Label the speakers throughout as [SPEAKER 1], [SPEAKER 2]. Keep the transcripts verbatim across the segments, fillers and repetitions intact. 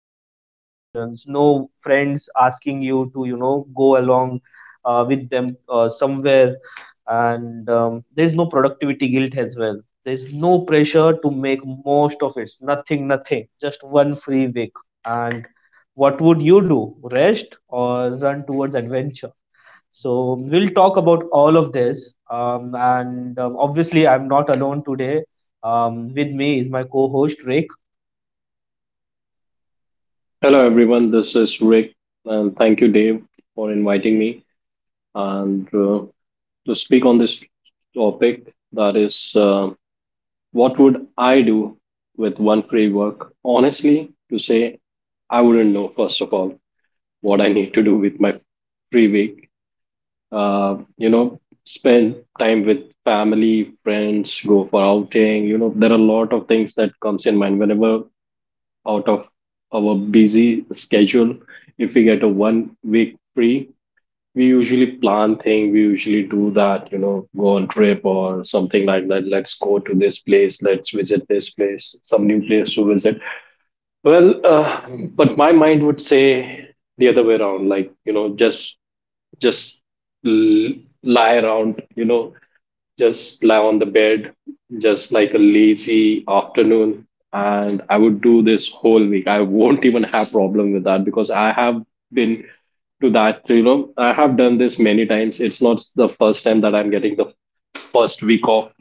[SPEAKER 1] work expectations. No friends asking you to, you know, go along uh, with them uh, somewhere, and um, there's no productivity guilt as well. There's no pressure to make most of it. Nothing, nothing, just one free week. And what would you do? Rest, or run towards adventure? So we'll talk about all of this, um, and um, obviously I'm not alone today. Um, with me is my co-host Rick.
[SPEAKER 2] Hello, everyone. This is Rick, and thank you, Dave, for inviting me and uh, to speak on this topic. That is, uh, what would I do with one framework? Honestly, to say, I wouldn't know. First of all, what I need to do with my free week. Uh, you know, spend time with family, friends, go for outing. You know, there are a lot of things that comes in mind whenever out of our busy schedule. If we get a one week free, we usually plan thing. We usually do that, you know, go on trip or something like that. Let's go to this place. Let's visit this place. Some new place to visit. Well, uh, but my mind would say the other way around. Like, you know, just just l- lie around. You know, just lie on the bed, just like a lazy afternoon. And I would do this whole week. I won't even have problem with that because I have been to that, you know, I have done this many times. It's not the first time that I'm getting the first week off.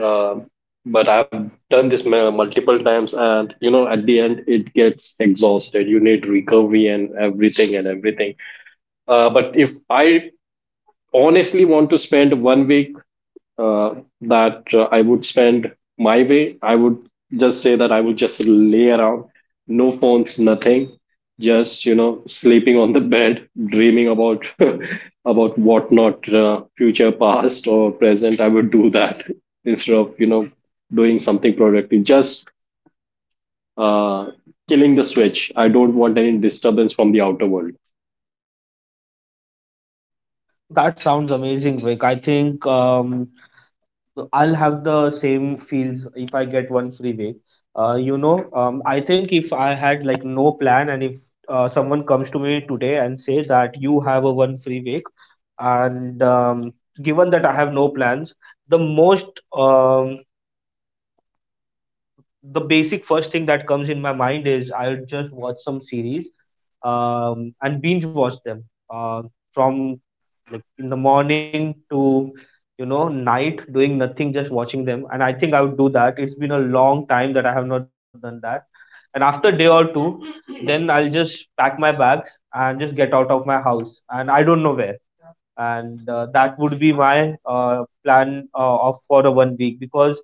[SPEAKER 2] Uh, but I've done this mu- multiple times, and you know, at the end, it gets exhausted. You need recovery and everything and everything. Uh, but if I honestly want to spend one week, uh, that, uh, I would spend my way. I would just say that I would just lay around, no phones, nothing, just you know sleeping on the bed, dreaming about about what not, uh, future, past, or present. I would do that instead of you know doing something productive. Just, uh, killing the switch. I don't want any disturbance from the outer world.
[SPEAKER 1] That sounds amazing, Rick. I think um, So I'll have the same feels if I get one free week. Uh, you know, um, I think if I had like no plan, and if uh, someone comes to me today and say that you have a one free week, and um, given that I have no plans, the most um, the basic first thing that comes in my mind is I'll just watch some series, um, and binge watch them uh, from like in the morning to, you know, night, doing nothing, just watching them. And I think I would do that. It's been a long time that I have not done that. And after day or two, then I'll just pack my bags and just get out of my house, and I don't know where. And uh, that would be my uh, plan, uh, of for a one week, because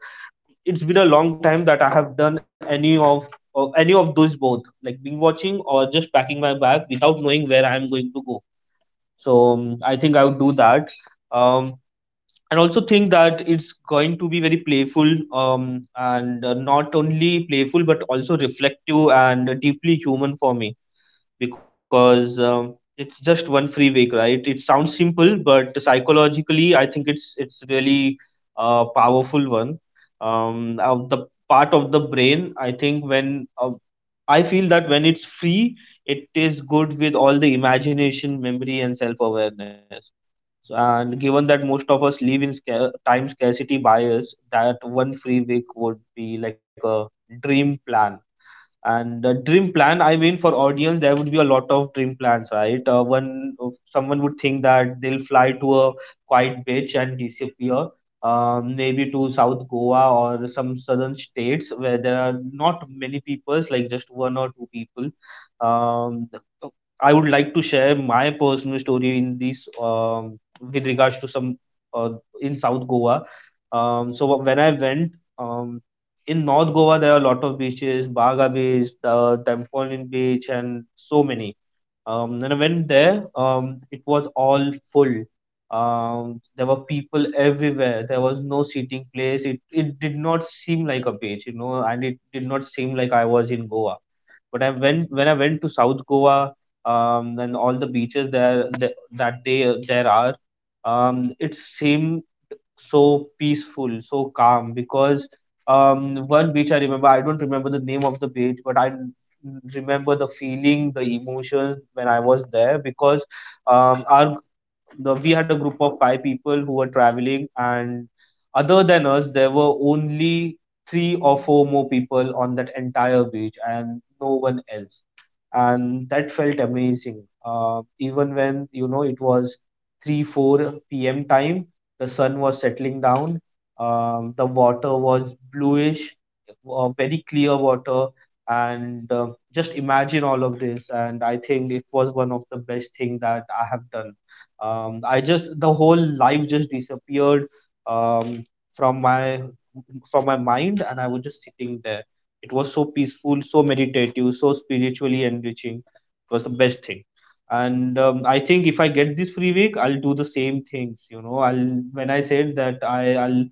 [SPEAKER 1] it's been a long time that I have done any of, uh, any of those, both like being watching or just packing my bag without knowing where I am going to go. So um, I think I would do that. Um, and also think that it's going to be very playful, um, and uh, not only playful but also reflective and deeply human for me, because um, it's just one free week, right? It sounds simple, but psychologically, I think it's it's really a powerful one. Um, of the part of the brain, I think, when uh, I feel that when it's free, it is good with all the imagination, memory, and self awareness. So, and given that most of us live in scar- time scarcity bias, that one free week would be like a dream plan. And uh, dream plan, I mean, for audience there would be a lot of dream plans, right? uh, one uh, Someone would think that they'll fly to a quiet beach and disappear, um, maybe to South Goa or some southern states where there are not many people, like just one or two people. um, I would like to share my personal story in this um, with regards to some, uh, in South Goa. Um, so when I went, um, in North Goa, there are a lot of beaches: Baga Beach, uh, Dampolin Beach, and so many. Um, when I went there, um, it was all full. Um, there were people everywhere. There was no seating place. It it did not seem like a beach, you know, and it did not seem like I was in Goa. But I went, when I went to South Goa, um, and all the beaches there that, that they there are, um, it seemed so peaceful, so calm. Because um, one beach I remember, I don't remember the name of the beach, but I n- remember the feeling, the emotions when I was there, because um, our the we had a group of five people who were traveling, and other than us there were only three or four more people on that entire beach, and no one else. And that felt amazing. Uh, even when, you know, it was 3 4 p.m time, the sun was settling down, um, the water was bluish, uh, very clear water. And uh, just imagine all of this, and I think it was one of the best thing that I have done. um, I just, the whole life just disappeared um, from my, from my mind, and I was just sitting there. It was so peaceful, so meditative, so spiritually enriching. It was the best thing. And um, I think if I get this free week, I'll do the same things, you know. I'll, when I said that I, i'll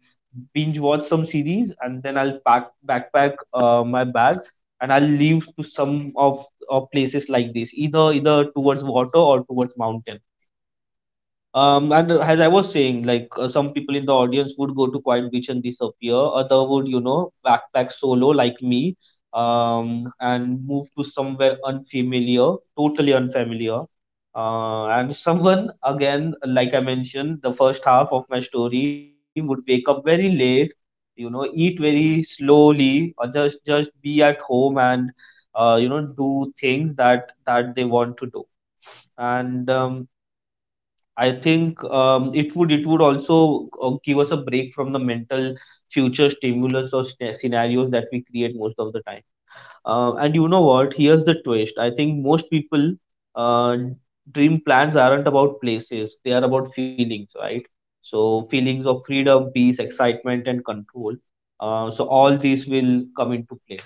[SPEAKER 1] binge watch some series, and then I'll pack, backpack uh, my bag, and I'll leave to some of, of places like this, either either towards water or towards mountain. Um, and as I was saying, like uh, some people in the audience would go to quiet beach and disappear. Other would, you know, backpack solo like me, um, and move to somewhere unfamiliar, totally unfamiliar. Uh, and someone again, like I mentioned, the first half of my story would wake up very late, you know, eat very slowly, or just just be at home, and uh, you know, do things that that they want to do. And um, I think, um, it would it would also uh, give us a break from the mental future stimulus or sce- scenarios that we create most of the time. Uh, and you know what? Here's the twist. I think most people uh, dream plans aren't about places; they are about feelings, right? So, feelings of freedom, peace, excitement, and control. Uh, so all these will come into play.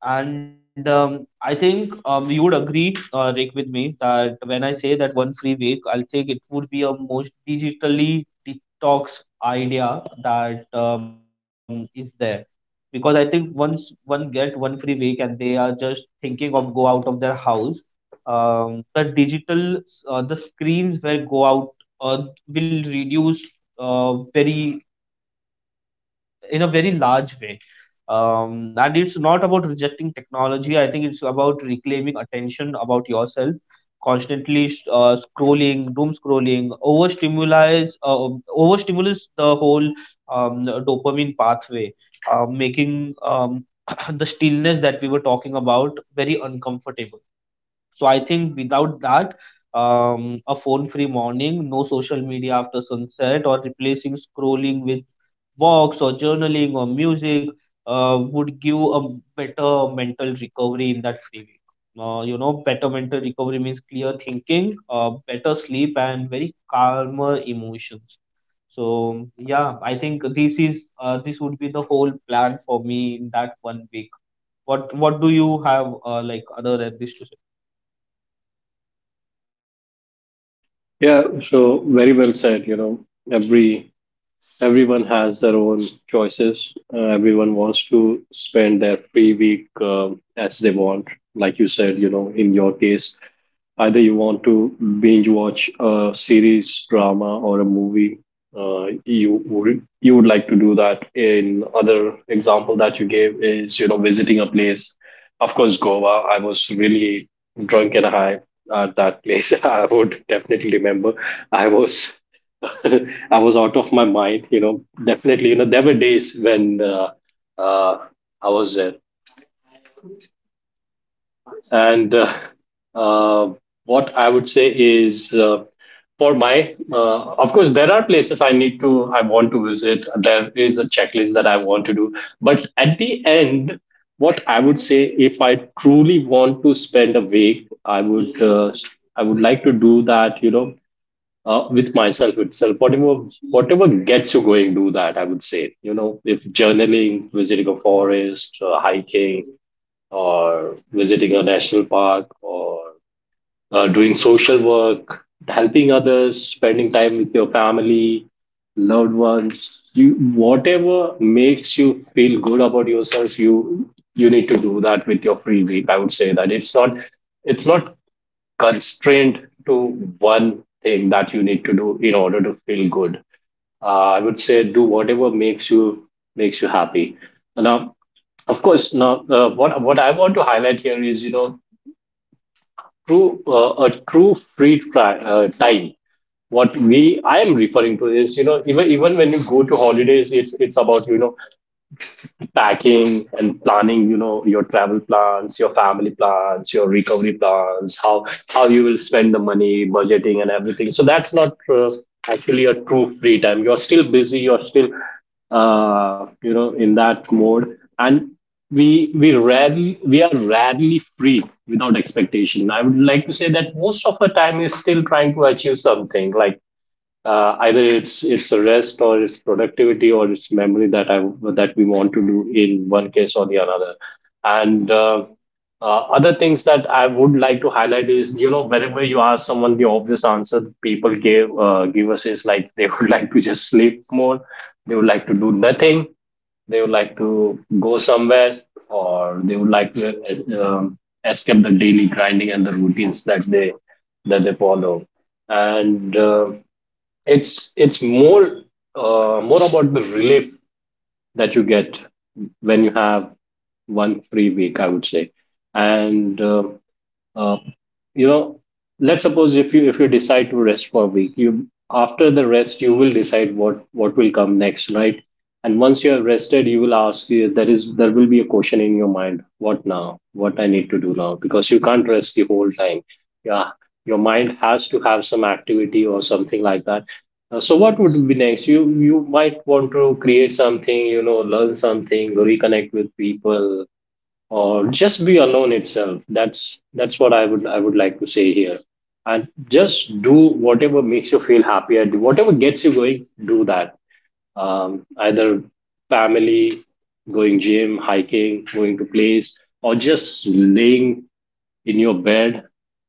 [SPEAKER 1] And um, I think, um, you would agree, uh, Rick, with me, that when I say that one free week, I'll think it would be a most digitally detox idea that um, is there. Because I think once one get one free week and they are just thinking of go out of their house, um, the digital, uh, the screens where go out uh, will reduce uh, very, in a very large way. Um, and it's not about rejecting technology. I think it's about reclaiming attention about yourself. Constantly sh- uh, scrolling, doom scrolling, overstimulates, uh, overstimulates the whole um, dopamine pathway, uh, making um, the stillness that we were talking about very uncomfortable. So I think without that, um, a phone-free morning, no social media after sunset, or replacing scrolling with walks or journaling or music, uh, would give a better mental recovery in that free week. Uh, you know, better mental recovery means clear thinking, uh, better sleep, and very calmer emotions. So yeah, I think this is uh, this would be the whole plan for me in that one week. What what do you have, uh, like, other than this to say?
[SPEAKER 2] Yeah, so very well said. You know, every everyone has their own choices. Uh, everyone wants to spend their free week um as they want. Like you said, you know, in your case, either you want to binge watch a series, drama, or a movie. Uh, you would you would like to do that. In other example that you gave is, you know visiting a place. Of course, Goa. I was really drunk and high at that place. I would definitely remember. I was I was out of my mind. You know, definitely. You know, there were days when, uh, uh, I was there. And, uh, uh, what I would say is, uh, for my, uh, of course, there are places I need to, I want to visit. There is a checklist that I want to do. But at the end, what I would say, if I truly want to spend a week, I would, uh, I would like to do that. You know, uh, with myself itself. Whatever, whatever gets you going, do that, I would say. You know, if journaling, visiting a forest, uh, hiking or visiting a national park or, uh, doing social work, helping others, spending time with your family, loved ones, you whatever makes you feel good about yourself, you you need to do that with your free week. I would say that it's not it's not constrained to one thing that you need to do in order to feel good. Uh, I would say do whatever makes you makes you happy. Now of course, now uh, what what I want to highlight here is, you know true uh, a true free tri- uh, time. What we I am referring to is, you know even even when you go to holidays, it's it's about, you know packing and planning, you know your travel plans, your family plans, your recovery plans, how how you will spend the money, budgeting and everything, so that's not, uh, actually a true free time. You're still busy, you're still, uh, you know in that mode, and we we rarely we are rarely free without expectation. I would like to say that most of our time is still trying to achieve something, like, uh, either it's it's a rest or it's productivity or it's memory that I that we want to do in one case or the another. And, uh, uh, other things that I would like to highlight is, you know whenever you ask someone the obvious answer people give uh, give us is like they would like to just sleep more, they would like to do nothing, they would like to go somewhere, or they would like to, uh, um, escape the daily grinding and the routines that they that they follow. And, uh, it's it's more, uh, more about the relief that you get when you have one free week, I would say. And, uh, uh, you know let's suppose if you if you decide to rest for a week, you after the rest you will decide what what will come next, right? And once you have rested you will ask, you there is there will be a question in your mind, what now, what I need to do now, because you can't rest the whole time. Yeah, your mind has to have some activity or something like that. Uh, so what would be next? You you might want to create something, you know learn something, reconnect with people, or just be alone itself. That's that's what i would i would like to say here, and just do whatever makes you feel happier, do whatever gets you going, do that, um, either family, going gym, hiking, going to place, or just laying in your bed,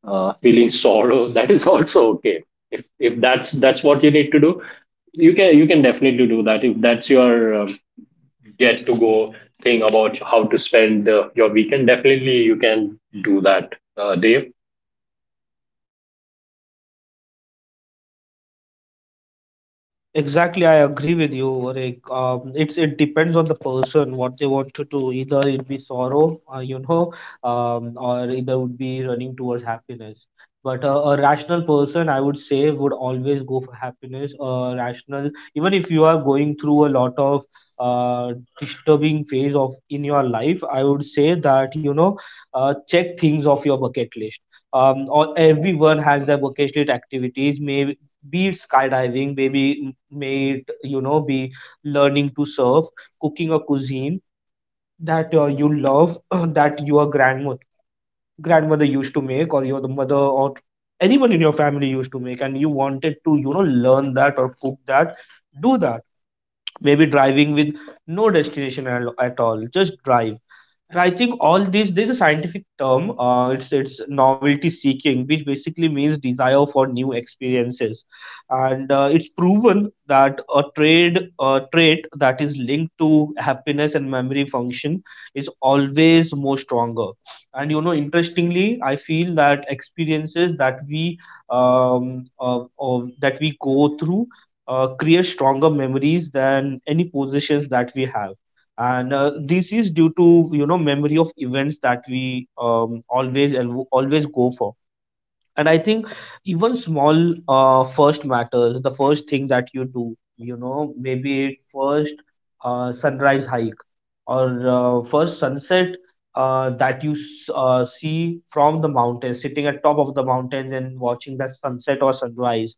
[SPEAKER 2] uh, feeling sorrow, that is also okay. If if that's that's what you need to do, you can you can definitely do that. If that's your, um, get to go thing about how to spend, uh, your weekend, definitely you can do that, uh, Dave.
[SPEAKER 1] Exactly, I agree with you, Varik. Um, it's it depends on the person what they want to do. Either it be sorrow, uh, you know, um, or either would be running towards happiness. But a, a rational person, I would say, would always go for happiness. A rational, even if you are going through a lot of uh, disturbing phase of in your life, I would say that, you know, uh, check things off your bucket list. Um, or everyone has their bucket list activities. Maybe, be it skydiving, maybe m- may it, you know, be learning to surf, cooking a cuisine that uh, you love, that your grandmother grandmother used to make, or your mother or anyone in your family used to make, and you wanted to, you know, learn that or cook that, do that. Maybe driving with no destination at, at all, just drive. And I think, all this, there's a scientific term. Uh, it's it's novelty seeking, which basically means desire for new experiences, and uh, it's proven that a trade a trait that is linked to happiness and memory function is always more stronger. And you know, interestingly, I feel that experiences that we um uh, uh, that we go through uh, create stronger memories than any possessions that we have, and uh, this is due to, you know, memory of events that we um, always al- always go for. And I think even small, uh, first matters the first thing that you do, you know, maybe it first uh, sunrise hike or uh, first sunset uh, that you s- uh, see from the mountain, sitting at top of the mountains and watching that sunset or sunrise,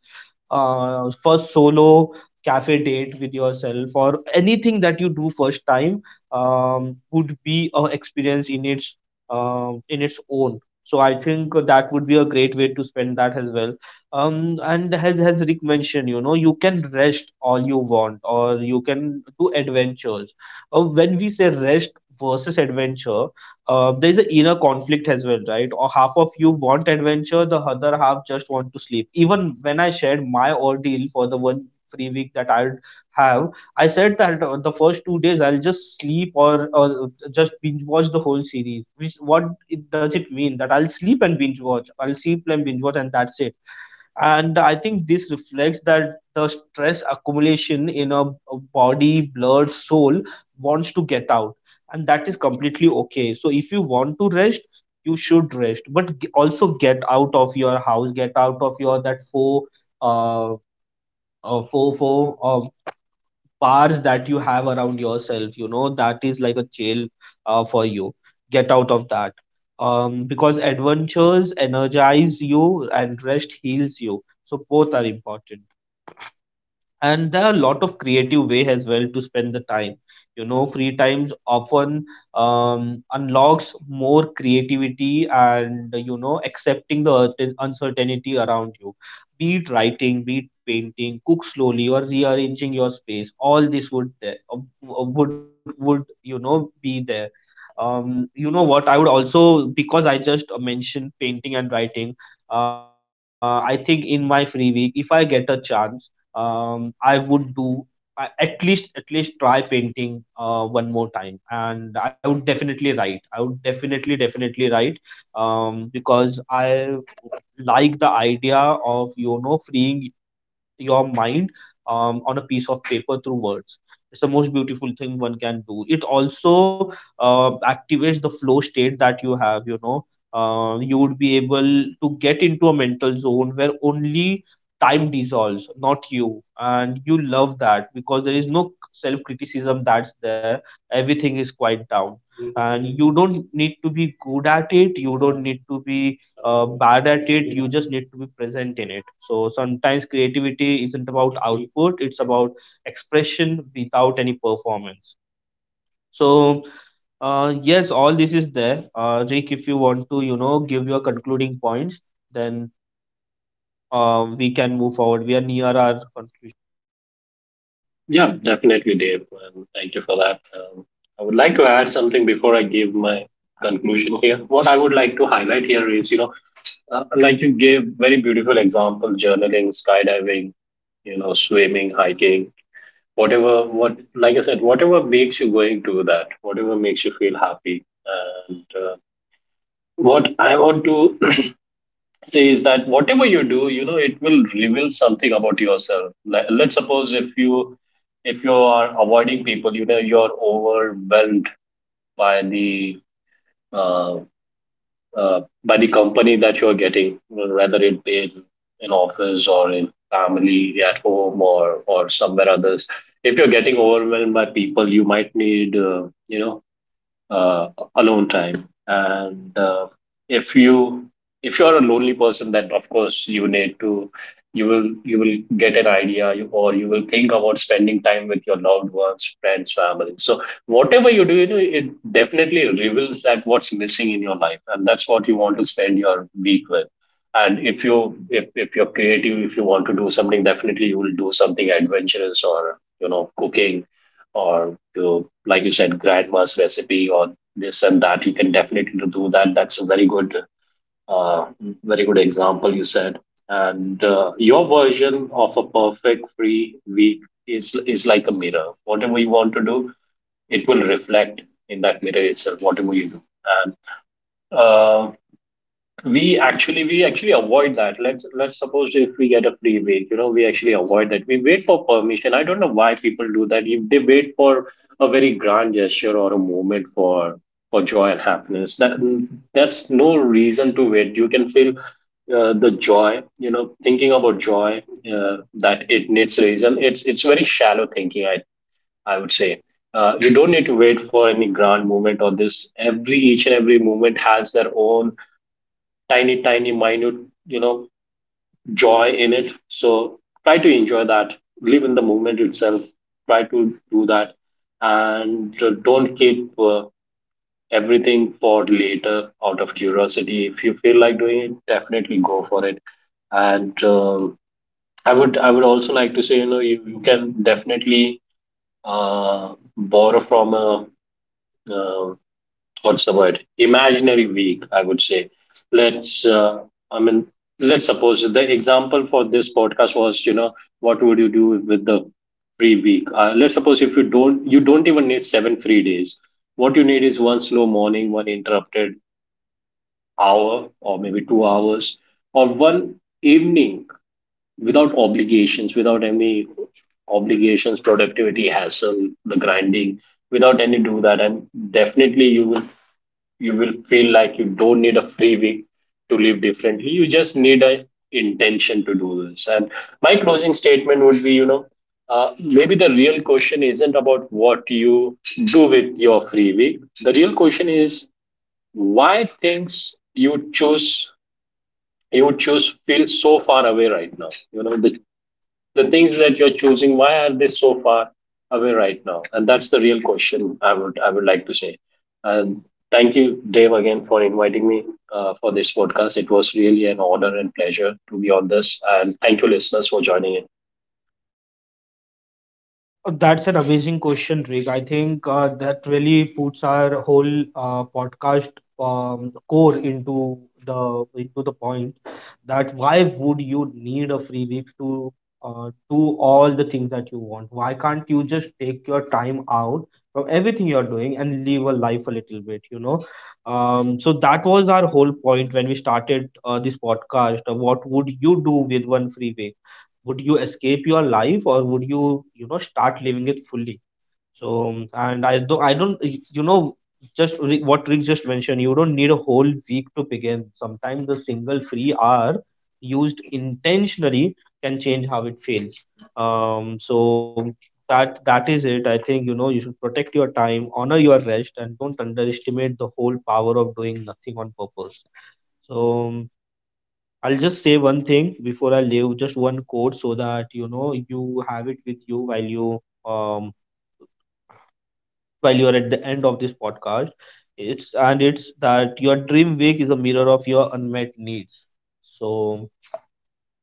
[SPEAKER 1] uh, first solo cafe date with yourself, or anything that you do first time um, would be a experience in its um in its own. So I think that would be a great way to spend that as well. Um, and as as Rick mentioned, you know, you can rest all you want or you can do adventures. Uh, when we say rest versus adventure, uh, there is an inner conflict as well, right? Or half of you want adventure, the other half just want to sleep. Even when I shared my ordeal for the one free week that I'll have, I said that uh, the first two days I'll just sleep or, or uh, just binge watch the whole series. Which what it, does it mean that I'll sleep and binge watch? I'll sleep and binge watch, and that's it. And I think this reflects that the stress accumulation in a, a body blood soul wants to get out, and that is completely okay. So if you want to rest, you should rest, but g- also get out of your house, get out of your that four uh, uh four four uh, bars that you have around yourself, you know, that is like a jail uh, for you. Get out of that. Um, because adventures energize you and rest heals you, so both are important. And there are a lot of creative way as well to spend the time. You know, free times often um, unlocks more creativity and, you know, accepting the uncertain- uncertainty around you. Be it writing, be it painting, cook slowly, or rearranging your space, all this would there uh, w- would would, you know, be there. Um, you know what I would also, because I just uh, mentioned painting and writing, uh, I think in my free week if I get a chance, um, I would do— I- at least, at least try painting uh, one more time, and I would definitely write. I would definitely definitely write, um, because I like the idea of, you know, freeing your mind um, on a piece of paper through words. It's the most beautiful thing one can do. It also uh, activates the flow state that you have, you know. Uh, you would be able to get into a mental zone where only time dissolves, not you. And you love that because there is no self criticism that's there. Everything is quite down. And you don't need to be good at it. You don't need to be uh, bad at it, you just need to be present in it. So sometimes creativity isn't about output, it's about expression without any performance. So uh, yes, all this is there. Uh, rick, if you want to, you know, give your concluding points, then uh, we can move forward, we are near our conclusion.
[SPEAKER 2] Yeah, definitely, Dave. Um, thank you for that. Um, I would like to add something before I give my conclusion here. What I would like to highlight here is, you know, uh, like you gave very beautiful example, journaling, skydiving, you know, swimming, hiking, whatever, what, like I said, whatever makes you going to that, whatever makes you feel happy. And, uh, what I want to is that whatever you do, you know it will reveal something about yourself. Like, let's suppose if you if you are avoiding people, you know you're overwhelmed by the uh, uh, by the company that you're getting, whether it be in, in office or in family at home or or somewhere others. If you're getting overwhelmed by people, you might need, uh, you know uh, alone time, and, uh, if you if you are a lonely person, then of course you need to you will you will get an idea, you, or you will think about spending time with your loved ones, friends, family. So whatever you do, you know it definitely reveals that what's missing in your life, and that's what you want to spend your week with. And if you if, if you're creative, if you want to do something, definitely you will do something adventurous, or, you know cooking, or, to, like you said, grandma's recipe or this and that. You can definitely do that. That's a very good, uh, very good example you said. And, uh, your version of a perfect free week is is like a mirror. Whatever you want to do, it will reflect in that mirror itself. Whatever you do, and, uh, we actually we actually avoid that. Let's let's suppose if we get a free week, you know we actually avoid that, we wait for permission. I don't know why people do that, if they wait for a very grand gesture or a moment for for joy and happiness. That that's no reason to wait. You can feel, uh, the joy. You know thinking about joy, uh, that it needs reason, it's it's very shallow thinking, i i would say. Uh, you don't need to wait for any grand moment or this. Every each and every moment has their own tiny, tiny, minute, you know, joy in it. So try to enjoy that. Live in the moment itself. Try to do that, and, uh, don't keep, uh, everything for later out of curiosity. If you feel like doing it, definitely go for it. And, um, I would, I would also like to say, you know, you, you can definitely, uh, borrow from a, uh, what's the word, imaginary week, I would say. Let's uh, I mean, let's suppose the example for this podcast was, you know what would you do with the free week. Uh, let's suppose if you don't you don't even need seven free days. What you need is one slow morning, one interrupted hour or maybe two hours, or one evening without obligations, without any obligations, productivity hassle, the grinding, without any, do that, and definitely you will you will feel like you don't need a free week to live differently. You just need a intention to do this. And my closing statement would be, you know, uh, maybe the real question isn't about what you do with your free week. The real question is why things you choose you choose feel so far away right now. You know, the the things that you're choosing, why are they so far away right now, and that's the real question, i would i would like to say. And thank you, Dave, again, for inviting me, uh, for this podcast. It was really an honor and pleasure to be on this, and thank you listeners for joining in.
[SPEAKER 1] Uh, That's an amazing question, Rick. I think uh, that really puts our whole uh, podcast um, core into the into the point that why would you need a free week to uh, do all the things that you want? Why can't you just take your time out from everything you're doing and live a life a little bit, you know? Um, so that was our whole point when we started uh, this podcast. uh, What would you do with one free week? Would you escape your life, or would you, you know, start living it fully? So um, and i don't i don't y- you know, just Rick- what Rick just mentioned, you don't need a whole week to begin. Sometimes a single free hour, used intentionally, can change how it feels. um so that that is it. I think, you know, you should protect your time, honor your rest, and don't underestimate the whole power of doing nothing on purpose. So um, I'll just say one thing before I leave, just one quote so that you know you have it with you while you um while you're at the end of this podcast. It's— and it's that your dream week is a mirror of your unmet needs. So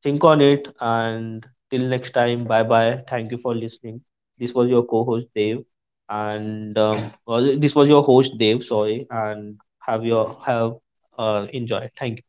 [SPEAKER 1] think on it, and till next time, bye bye. Thank you for listening. This was your co-host Dave, and um, well, this was your host Dave. Sorry, and have your have uh enjoy. Thank you.